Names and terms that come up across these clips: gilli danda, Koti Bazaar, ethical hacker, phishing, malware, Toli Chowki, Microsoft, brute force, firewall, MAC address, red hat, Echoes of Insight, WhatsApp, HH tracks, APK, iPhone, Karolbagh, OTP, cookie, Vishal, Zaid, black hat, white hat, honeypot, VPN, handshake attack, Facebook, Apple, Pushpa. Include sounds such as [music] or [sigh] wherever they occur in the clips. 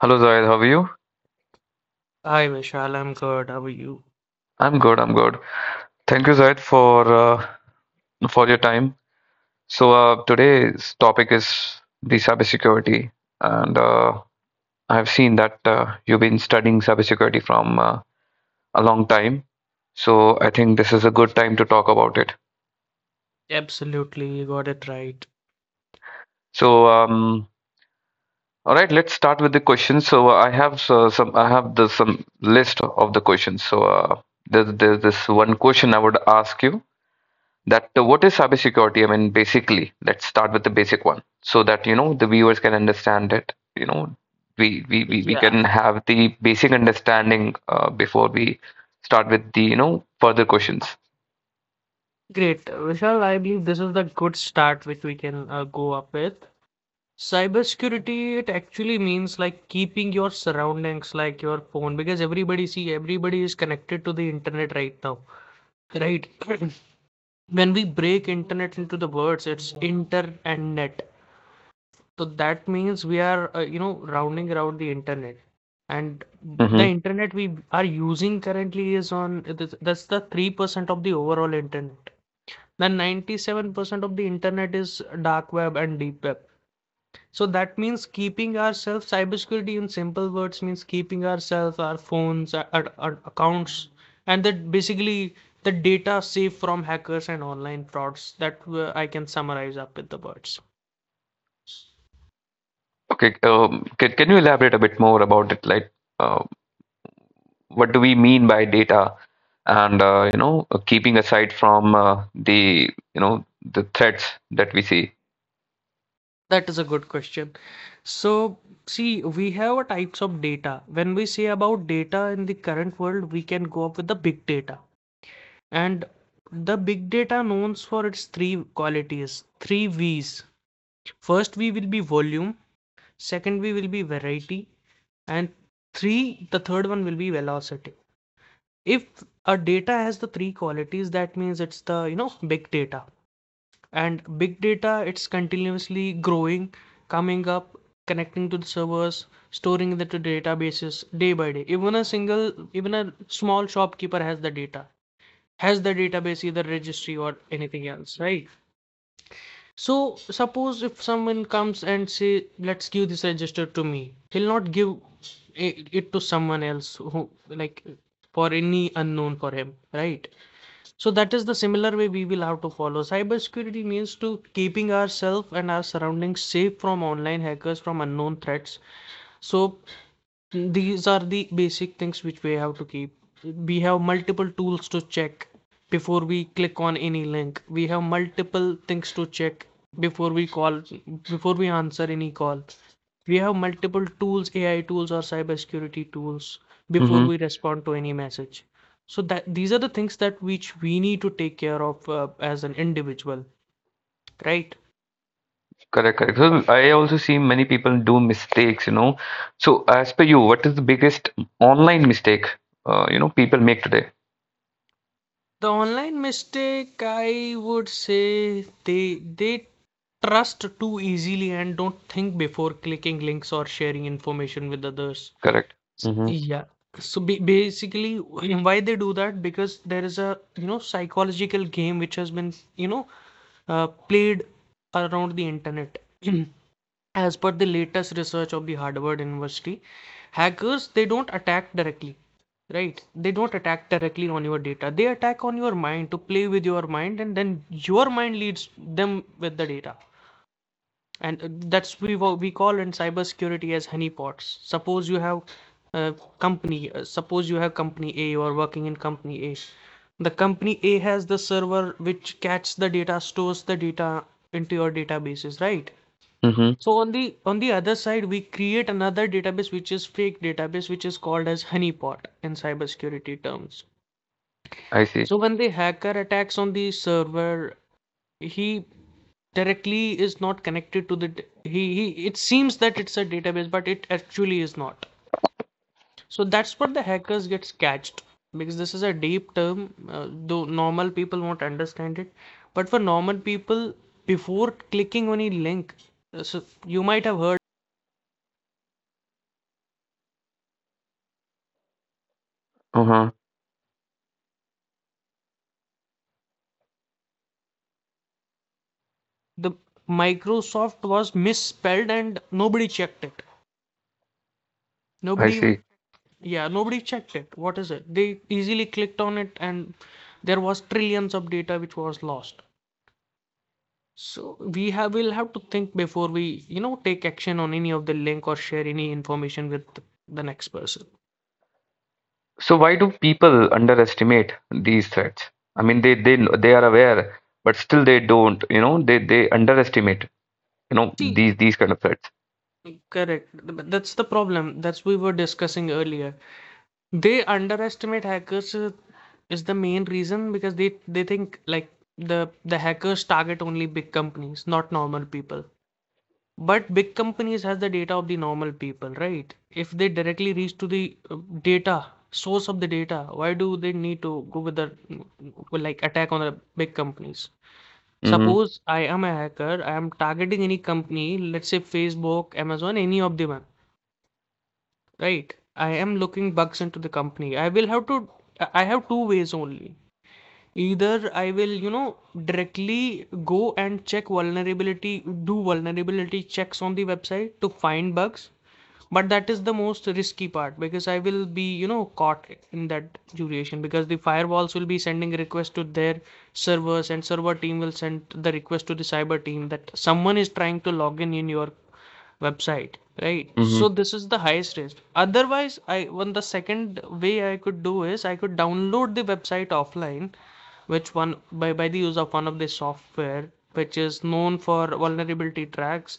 Hello Zaid, how are you? Hi, Vishal. I'm good. How are you? I'm good. Thank you Zaid for your time. So today's topic is the cybersecurity, and I've seen that you've been studying cybersecurity from a long time. So I think this is a good time to talk about it. Absolutely, you got it right. So all right, let's start with the questions. So I have some I have the some list of the questions. So there's this one question I would ask you that what is cybersecurity? I mean, basically, let's start with the basic one so that you know the viewers can understand it. You know, we Yeah, can have the basic understanding before we start with the you know further questions. great. Vishal, I believe this is the good start which we can go up with. Cybersecurity, it actually means like keeping your surroundings, like your phone, because everybody, see, everybody is connected to the internet right now, right? [clears throat] When we break internet into the words, it's inter and net. So that means we are rounding around the internet. And the Hmm. internet we are using currently is on, that's the 3% of the overall internet. Then 97% of the internet is dark web and deep web. So that means keeping ourselves cybersecurity, in simple words, means keeping ourselves, our phones, our accounts, and that basically the data safe from hackers and online frauds. That I can summarize up with the words. Okay, can you elaborate a bit more about it? Like, uh, what do we mean by data? And you know, keeping aside from the you know the threats that we see. That is a good question. So, see, we have a types of data. When we say about data in the current world, we can go up with the big data. And the big data known for its three qualities, three V's. First V will be volume, second V will be variety, and the third one will be velocity. If a data has the three qualities, that means it's the big data. And big data, it's continuously growing, coming up, connecting to the servers, storing that to databases day by day. Even a single, even a small shopkeeper has the data, has the database, either registry or anything else, right? So suppose if someone comes and say, let's give this register to me, he'll not give it to someone else, who like, for any unknown, for him, right? So that is the similar way we will have to follow. Cybersecurity means to keeping ourselves and our surroundings safe from online hackers, from unknown threats. So these are the basic things which we have to keep. We have multiple tools to check before we click on any link. We have multiple things to check before we call, before we answer any call. We have multiple tools, AI tools or cybersecurity tools, before we respond to any message. So that these are the things that which we need to take care of as an individual, right? Correct, correct. So I also see many people do mistakes, you know. So as per you, what is the biggest online mistake, you know, people make today? The online mistake, I would say, they they trust too easily and don't think before clicking links or sharing information with others. Correct. S- Mm-hmm. yeah, so basically, [clears throat] why they do that? Because there is a psychological game which has been played around the internet. [clears throat] As per the latest research of the Harvard University, hackers, they don't attack directly, right? They don't attack directly on your data. They attack on your mind to play with your mind, and then your mind leads them with the data. And that's we call in cybersecurity as honeypots. Suppose you have company A. You are working in company A. The company A has the server which catches the data, stores the data into your databases, right? Mm-hmm. So on the other side, we create another database which is fake database, which is called as honeypot in cybersecurity terms. I see. So when the hacker attacks on the server, he directly is not connected to the he it seems that it's a database, but it actually is not. So that's what the hackers gets catched, because this is a deep term, though normal people won't understand it. But for normal people, before clicking on a link, so you might have heard Uh-huh. the Microsoft was misspelled and nobody checked it. I Nobody see. even yeah, nobody checked it. What is it? They easily clicked on it and there was trillions of data which was lost. So we have will have to think before we take action on any of the link or share any information with the next person. So why do people underestimate these threats? I mean, they are aware, but still they don't, you know, they underestimate, you know, See, these kind of threats. Correct. That's the problem. That's we were discussing earlier. They underestimate hackers is the main reason, because they think like the the hackers target only big companies, not normal people. But big companies has the data of the normal people, right? If they directly reach to the data source of the data, why do they need to go with the like attack on the big companies? Mm-hmm. Suppose I am a hacker, I am targeting any company, let's say Facebook, Amazon, any of them, right? I am looking bugs into the company. I have two ways only. Either I will directly go and check vulnerability, do vulnerability checks on the website to find bugs, but that is the most risky part, because I will be caught in that duration, because the firewalls will be sending requests to their servers, and server team will send the request to the cyber team that someone is trying to log in your website, right? So Mm-hmm. this is the highest risk. Otherwise, I one the second way I could do is, I could download the website offline, which one by the use of one of the software, which is known for vulnerability tracks,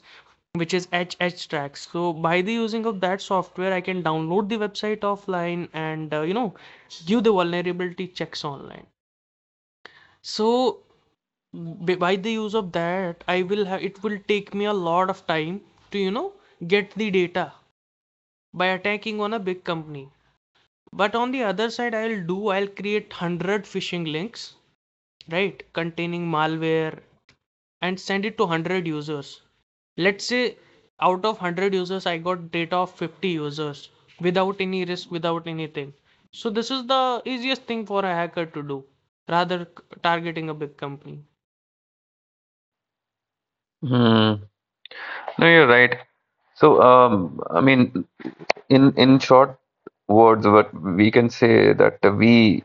which is H H tracks. So by the using of that software, I can download the website offline and give the vulnerability checks online. So by the use of that, I will have it will take me a lot of time to get the data by attacking on a big company. But on the other side, I'll create 100 phishing links, right, containing malware, and send it to 100 users. Let's say out of 100 users, I got data of 50 users, without any risk, without anything. So this is the easiest thing for a hacker to do, rather targeting a big company. Mm. No, you're right. So, I mean, in short words, what we can say that we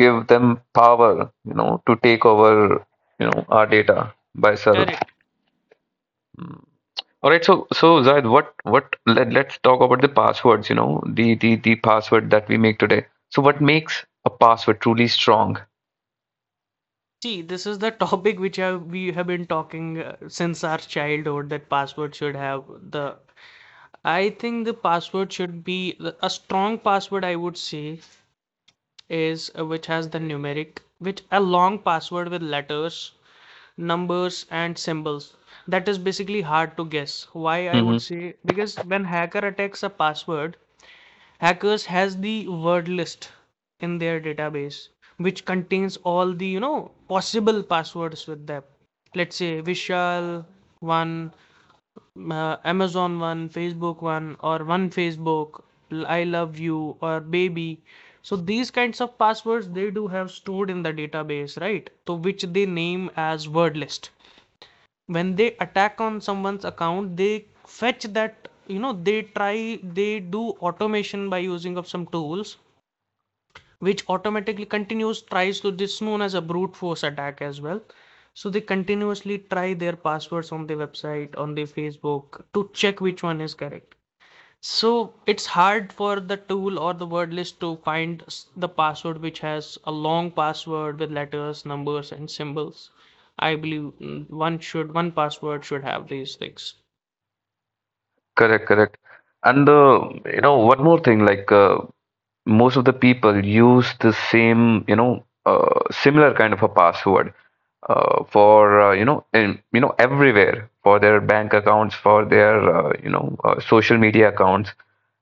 give them power, you know, to take over, you know, our data by self. Correct. Mm. All right, so Zaid, let's talk about the passwords, you know, the password that we make today. So what makes a password truly strong? See, this is the [laughs] topic which we have been talking since our childhood, that password should have the I think the password should be a strong password, I would say, is which has the numeric which a long password with letters, numbers, and symbols. That is basically hard to guess. Why, I would Hmm. say, because when hacker attacks a password, hackers has the word list in their database, which contains all the possible passwords with them. Let's say Vishal one, Amazon one, Facebook one, or one Facebook, I love you, or baby. So these kinds of passwords they do have stored in the database, right? So which they name as word list. When they attack on someone's account, they fetch that. They do automation by using of some tools which automatically continues tries to, this known as a brute force attack as well. So they continuously try their passwords on the website, on the Facebook, to check which one is correct. So it's hard for the tool or the word list to find the password which has a long password with letters, numbers, and symbols. I believe one password should have these things Correct, correct. And you know, one more thing, like most of the people use the same, you know, similar kind of a password for you know in, you know everywhere for their bank accounts for their you know social media accounts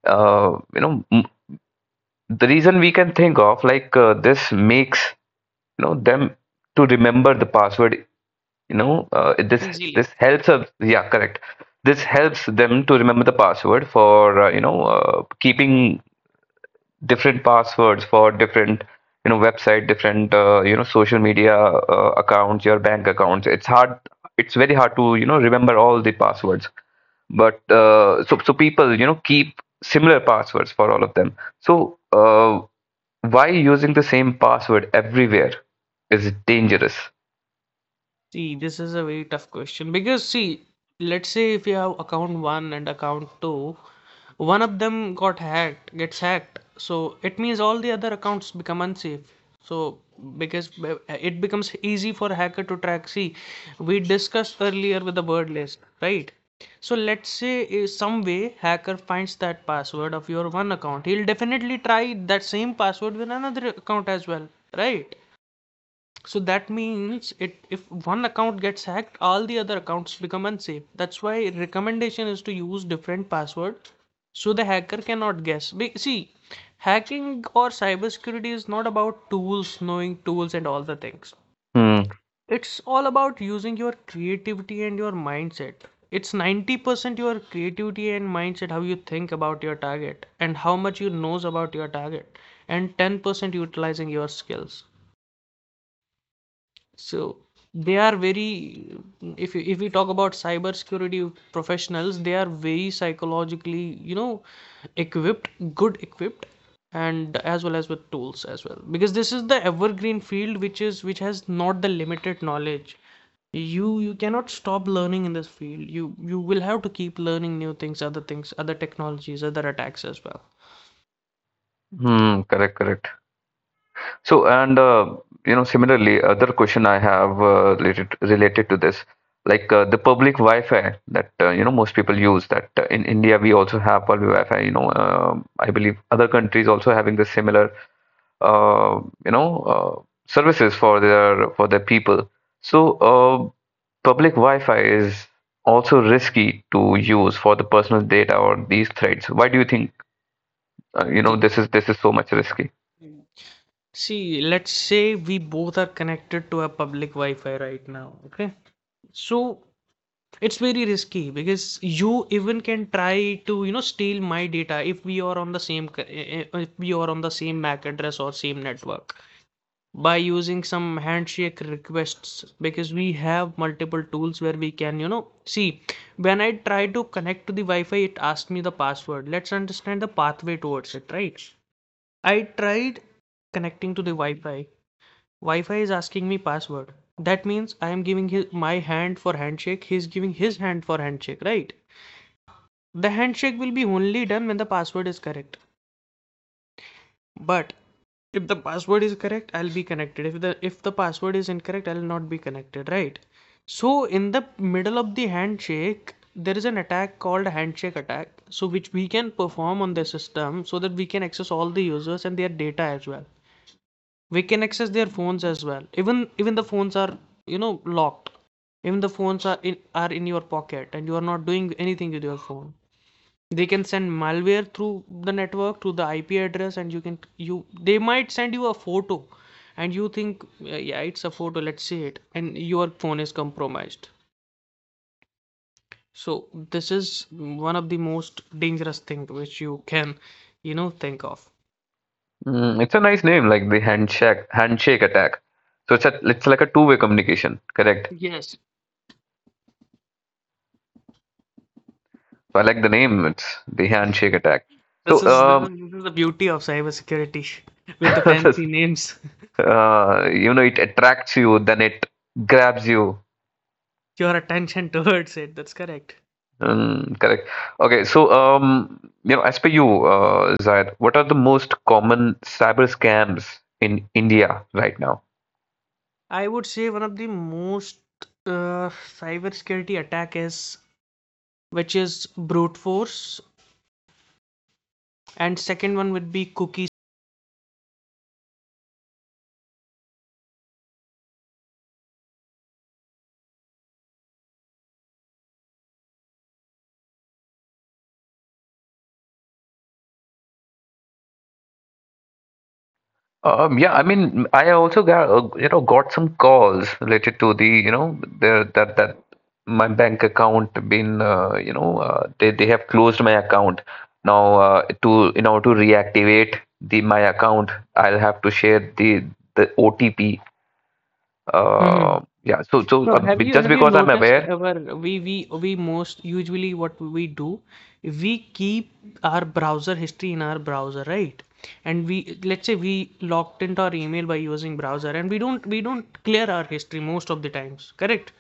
you know the reason we can think of like this makes you know them to remember the password you know uh, this easily. this helps us yeah correct this helps them to remember the password for you know keeping different passwords for different you know website different you know social media accounts your bank accounts it's hard it's very hard to you know remember all the passwords but so people you know keep similar passwords for all of them so why using the same password everywhere is dangerous. See, this is a very tough question because, see, let's say if you have account one and account two, one of them got hacked, gets hacked. So it means all the other accounts become unsafe. So because it becomes easy for hacker to track. See, we discussed earlier with the word list, right? So let's say some way hacker finds that password of your one account, he'll definitely try that same password with another account as well, right? So that means it if one account gets hacked, all the other accounts become unsafe. That's why recommendation is to use different passwords so the hacker cannot guess. See, hacking or cybersecurity is not about tools, knowing tools and all the things. Hmm. It's all about using your creativity and your mindset. It's 90% your creativity and mindset, how you think about your target and how much you knows about your target, and 10% utilizing your skills. So they are very, if we talk about cybersecurity professionals, they are very psychologically equipped, good equipped, and as well as with tools as well, because this is the evergreen field which is which has not the limited knowledge. You cannot stop learning in this field. You will have to keep learning new things, other things, other technologies, other attacks as well. Hmm. Correct, correct. So, and you know, similarly, other question I have related to this, like the public Wi-Fi that you know most people use. That in India we also have public Wi-Fi. You know, I believe other countries also having the similar uh, you know uh, services for their people. So, uh, public Wi-Fi is also risky to use for the personal data or these threads. Why do you think you know see this is so much risky? see let's say we both are connected to a public Wi-Fi right now. Okay, so it's very risky because you even can try to steal my data if we are on the same if we are on the same MAC address or same network by using some handshake requests, because we have multiple tools where we can see when I try to connect to the Wi-Fi, it asked me the password. Let's understand the pathway towards it, right? I tried connecting to the Wi-Fi. Wi-Fi is asking me password. That means I am giving his, my hand for handshake. He is giving his hand for handshake, right? The handshake will be only done when the password is correct. But if the password is correct, I'll be connected. If the password is incorrect, I'll not be connected, right? So in the middle of the handshake, there is an attack called handshake attack. So which we can perform on the system so that we can access all the users and their data as well. We can access their phones as well, even even the phones are, you know, locked, even the phones are in your pocket and you are not doing anything with your phone. They can send malware through the network to the IP address, and you can you they might send you a photo and you think, "Yeah, yeah, it's a photo, let's see it," and your phone is compromised. So this is one of the most dangerous thing which you can, you know, think of. Mm, it's a nice name, like the handshake attack. So it's a, it's like a two-way communication, correct? Yes, So I like the name. It's the handshake attack. This So is this is, um, this is the beauty of cybersecurity [laughs] with the [laughs] uh, fancy names. [laughs] you know, it attracts you, then it grabs you. Your attention towards it. That's correct. Mm, correct. Okay. So you know, as per you, Zayed, what are the most common cyber scams in India right now? I would say one of the most uh, cybersecurity attack is which is brute force, and second one would be cookie. Yeah, I mean, I also got you know got some calls related to the you know the that that my bank account been you know they have closed my account now to in order to reactivate the my account I'll have to share the OTP Mm-hmm. Yeah so so So have you just have you because I'm noticed aware ever? We most usually, what we do, we keep our browser history in our browser, right? And we, let's say we logged into our email by using browser, and we don't clear our history most of the times, correct?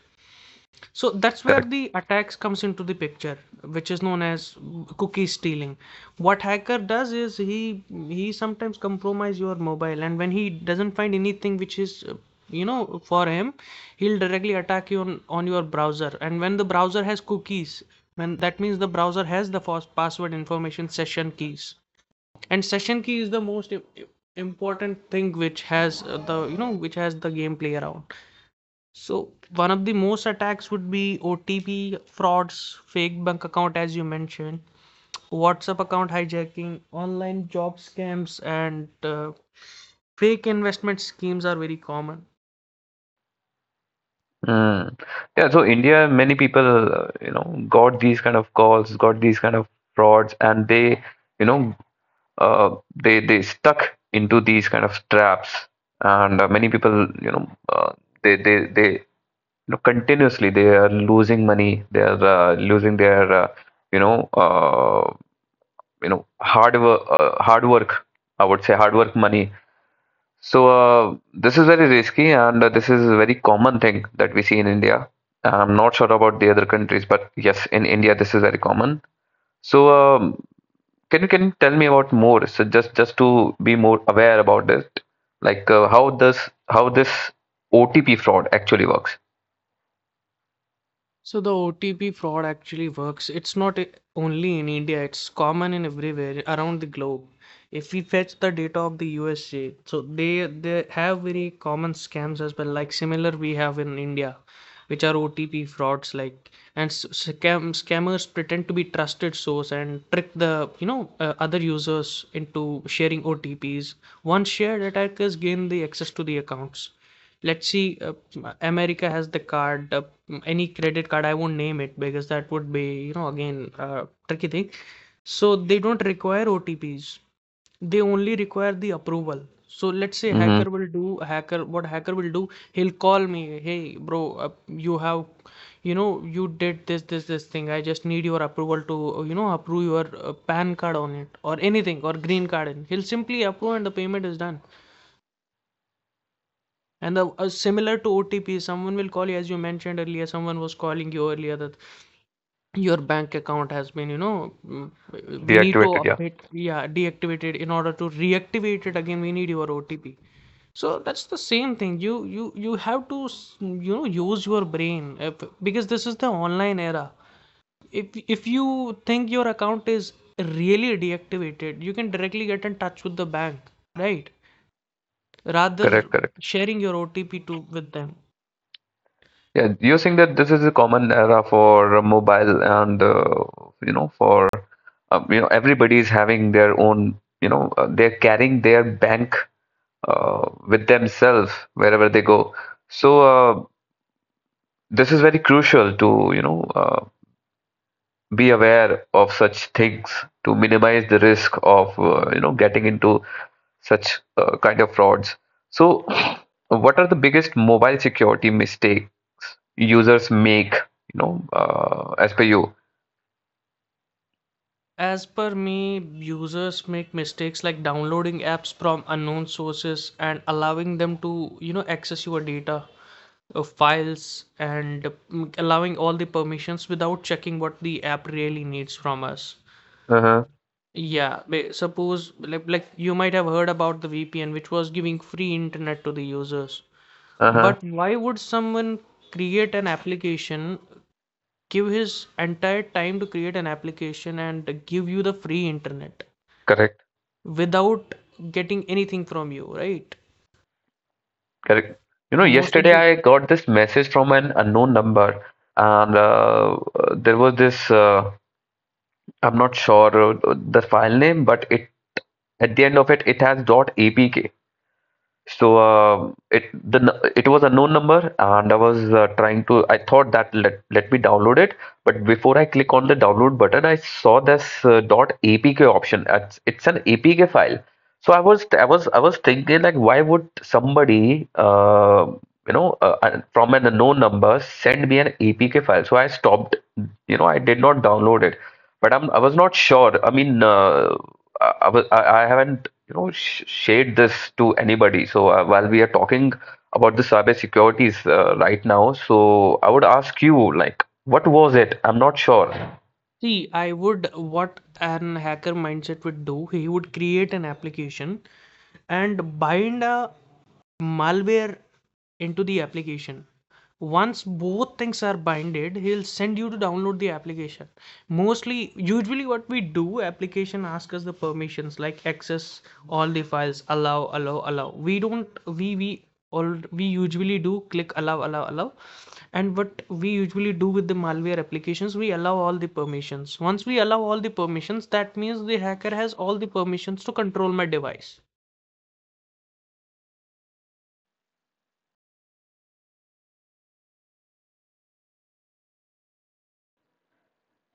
So that's where correct. the attacks comes into the picture, which is known as cookie stealing. What hacker does is he sometimes compromise your mobile, and when he doesn't find anything which is you know, for him, he'll directly attack you on your browser. And when the browser has cookies, when that means the browser has the password information, session keys, and session key is the most important thing which has the, you know, which has the gameplay around. So one of the most attacks would be OTP frauds, fake bank account as you mentioned, WhatsApp account hijacking, online job scams and fake investment schemes are very common. Mm. Yeah so India many people you know got these kind of calls got these kind of frauds and they you know uh, they stuck into these kind of traps, and many people, you know, uh, they you know continuously they are losing money, they are losing their you know uh, you know hard work I would say hard work money. So this is very risky, and this is a very common thing that we see in India. I'm not sure about the other countries, but yes, in India this is very common. So um, can you tell me about more? So just to be more aware about this, like how does how this OTP fraud actually works? So the OTP fraud actually works. It's not only in India, it's common in everywhere around the globe. If we fetch the data of the USA, so they have very common scams as well, like similar we have in India, which are OTP frauds, like. And scammers pretend to be trusted source and trick the, you know, other users into sharing OTPs. Once shared, attackers gain the access to the accounts. Let's see, America has the card, any credit card, I won't name it because that would be, you know, again, tricky thing. So they don't require OTPs, they only require the approval. So let's say Hmm. hacker will do, hacker what hacker will do, he'll call me, "Hey, bro, you have, you know, you did this, this, this thing. I just need your approval to, you know, approve your PAN card on it or anything, or green card." And he'll simply approve and the payment is done. And the, similar to OTP, someone will call you, as you mentioned earlier, someone was calling you earlier that your bank account has been, you know, we need to Deactivated, yeah, update, yeah, deactivated. In order to reactivate it again, we need your OTP. So that's the same thing. You have to you know, use your brain if, because this is the online era. If you think your account is really deactivated, you can directly get in touch with the bank, right? Rather correct, correct. sharing your OTP to with them. Yeah, you're saying that this is a common era for mobile and you know for you know everybody is having their own you know they're carrying their bank with themselves wherever they go. So this is very crucial to you know. Uh, be aware of such things to minimize the risk of you know getting into such kind of frauds. So, [clears throat] what are the biggest mobile security mistakes users make? You know, as per you. As per me, users make mistakes like downloading apps from unknown sources and allowing them to, you know, access your data, files, and allowing all the permissions without checking what the app really needs from us. Uh huh. Yeah, suppose, like you might have heard about the VPN, which was giving free internet to the users. Uh huh. But why would someone create an application, give his entire time to create an application and give you the free internet Correct. without getting anything from you, right? Correct. You know, Most of yesterday the, I got this message from an unknown number, and there was this. I'm not sure the file name, but it at the end of it, it has .apk. So it was a known number, and I was trying to. I thought that let me download it, but before I click on the download button, I saw this .apk option. It's an APK file. So I was thinking like, why would somebody you know from an unknown number send me an APK file? So I stopped. You know, I did not download it, but I was not sure. I mean. I, was- I haven't you know, sh shade this to anybody. So while we are talking about the cyber securities right now, so I would ask you, like, what was it? I'm not sure. see, I would, what an hacker mindset would do, he would create an application and bind a malware into the application. Once both things are binded, he'll send you to download the application. Mostly, usually what we do, application asks us the permissions like access all the files, allow, allow, allow. We don't, we all, we usually do click allow, allow, allow. And what we usually do with the malware applications, we allow all the permissions. Once we allow all the permissions, that means the hacker has all the permissions to control my device.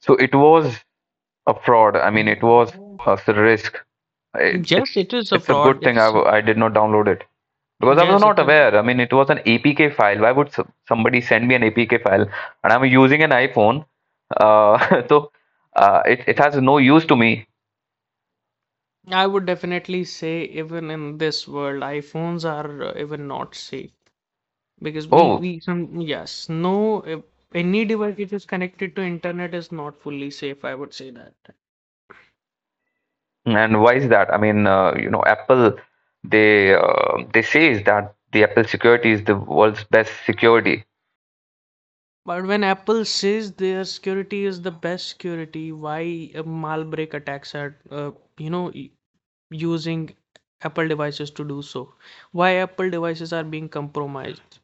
So it was a fraud. I mean, it was a risk. It, it, Yes, it is a it's a fraud. good thing It's I did not download it because I was yes, not it's a. aware. I mean, it was an APK file. Why would s somebody send me an APK file? And I'm using an iPhone. [laughs] So it has no use to me. I would definitely say even in this world, iPhones are, even not safe, because Oh, we some, yes, no, any device which is connected to internet is not fully safe. I would say that. and why is that? I mean, you know, Apple, they say that the Apple security is the world's best security. But when Apple says their security is the best security, why malware attacks are, you know, using Apple devices to do so? Why Apple devices are being compromised?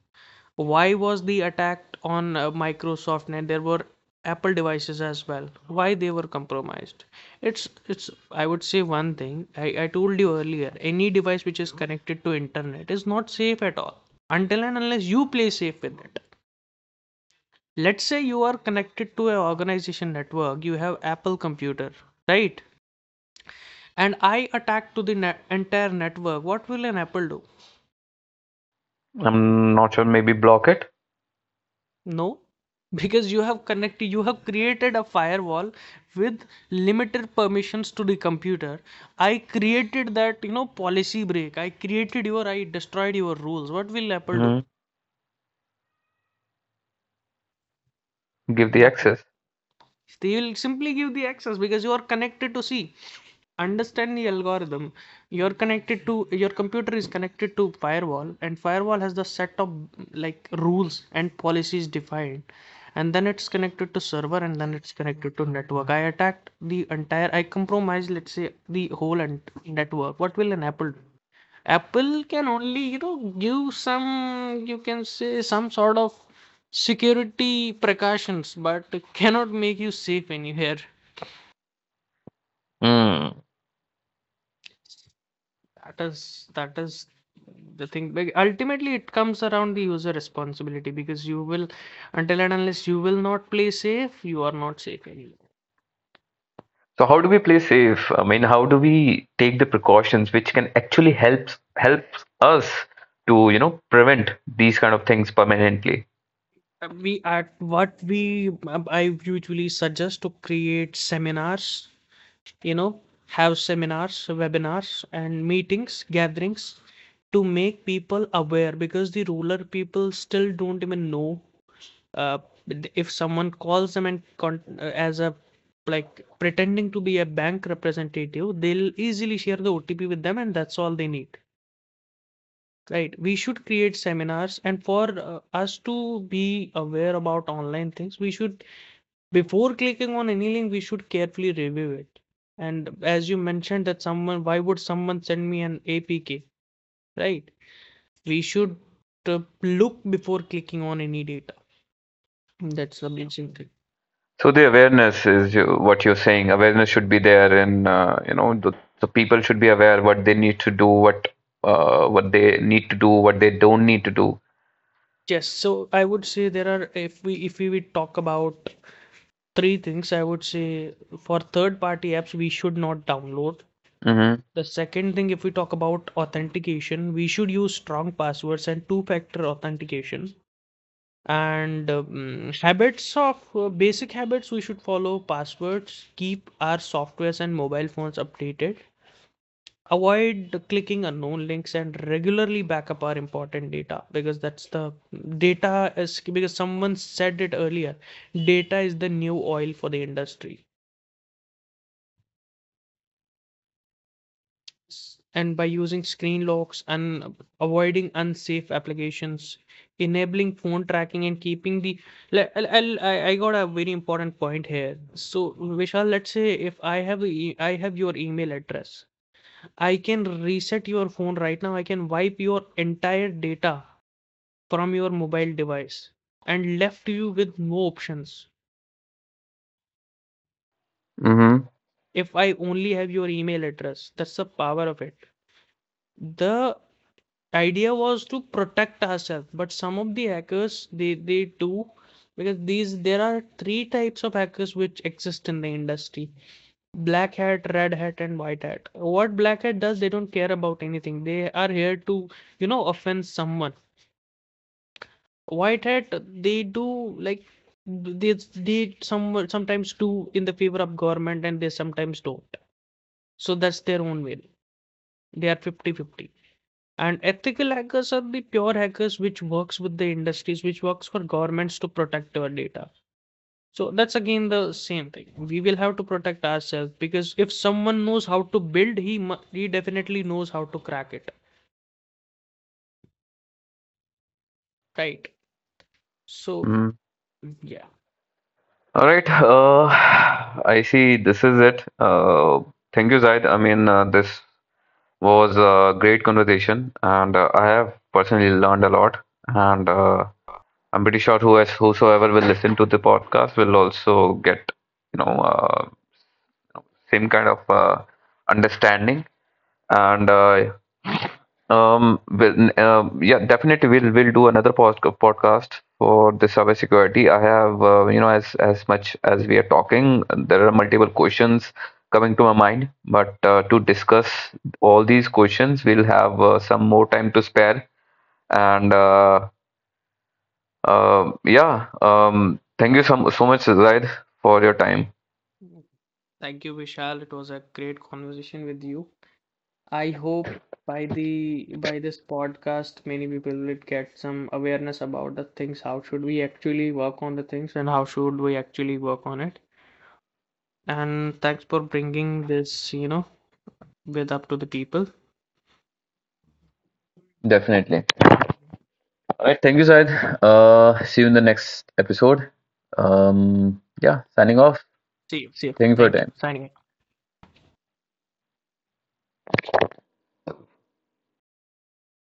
Why was the attack on Microsoft and there were Apple devices as well? Why they were compromised? It's, I would say one thing. I told you earlier, any device which is connected to internet is not safe at all. Until and unless you play safe with it. Let's say you are connected to an organization network, you have Apple computer, right? And I attack to the net, entire network. What will an Apple do? I'm not sure. Maybe block it, No, because you have connected, you have created a firewall with limited permissions to the computer. I created that, you know, policy break. I created your, I destroyed your rules. What will Apple do? mm. Give the Nothing. access. They will simply give the access because you are connected to, see. Understand the algorithm. You're connected to, your computer is connected to firewall, and firewall has the set of like rules and policies defined. And then it's connected to server and then it's connected to network. I attacked the entire, I compromised, let's say, the whole and network. What will an Apple do? Apple can only, you know, give some, you can say, some sort of security precautions, but cannot make you safe anywhere. Mm. That is the thing. But ultimately, it comes around the user responsibility, because you will, until and unless you will not play safe, you are not safe anywhere. So how do we play safe? I mean, how do we take the precautions which can actually help help us to you know prevent these kind of things permanently? We at what we, I usually suggest to create seminars, you know, have seminars, webinars and meetings, gatherings, to make people aware, because the rural people still don't even know, uh, if someone calls them and as a, like, pretending to be a bank representative, they'll easily share the OTP with them and that's all they need, right? We should create seminars. And for us to be aware about online things, we should, before clicking on any link, we should carefully review it. And as you mentioned that someone, why would someone send me an APK, right? We should look before clicking on any data. That's the amazing thing. So the awareness is what you're saying. Awareness should be there, and you know the people should be aware what they need to do, what they need to do, what they don't need to do. Yes, so I would say, there are, if we would talk about three things, I would say for third party apps we should not download. The second thing, if we talk about authentication, we should use strong passwords and two-factor authentication. And habits of, basic habits we should follow, passwords, keep our softwares and mobile phones updated, avoid clicking unknown links and regularly backup our important data, because that's the data is, because someone said it earlier, data is the new oil for the industry. And by using screen locks and avoiding unsafe applications, enabling phone tracking and keeping the I got a very important point here. So, Vishal, let's say if I have a I have your email address, I can reset your phone right now. I can wipe your entire data from your mobile device and left you with no options Mm-hmm. if I only have your email address. That's the power of it. The idea was to protect ourselves, but some of the hackers, they do, because these there are three types of hackers which exist in the industry: black hat, red hat and white hat. What black hat does, they don't care about anything, they are here to, you know, offend someone. White hat, they do, like, they some sometimes do in the favor of government and they sometimes don't. So that's their own way, they are fifty-fifty. And ethical hackers are the pure hackers which works with the industries, which works for governments to protect our data. So that's again the same thing. We will have to protect ourselves, because if someone knows how to build, he definitely knows how to crack it, right? So Hmm. yeah. All right. [sighs] I see. This is it. Thank you, Zaid. I mean, this was a great conversation, and I have personally learned a lot. And I'm pretty sure who has, whosoever will listen to the podcast will also get, you know, same kind of understanding. And well, yeah definitely we'll do another post podcast for the cybersecurity. I have you know as much as we are talking there are multiple questions coming to my mind but to discuss all these questions we'll have some more time to spare and yeah thank you so much Zaid for your time Thank you, Vishal. It was a great conversation with you. I hope by the, by this podcast, many people will get some awareness about the things. How should we actually work on the things, and how should we actually work on it? And thanks for bringing this, you know, with up to the people. definitely. All right, thank you, Syed. See you in the next episode. Yeah, signing off. See you. See you. Thank you for your Thank you. time. Signing out.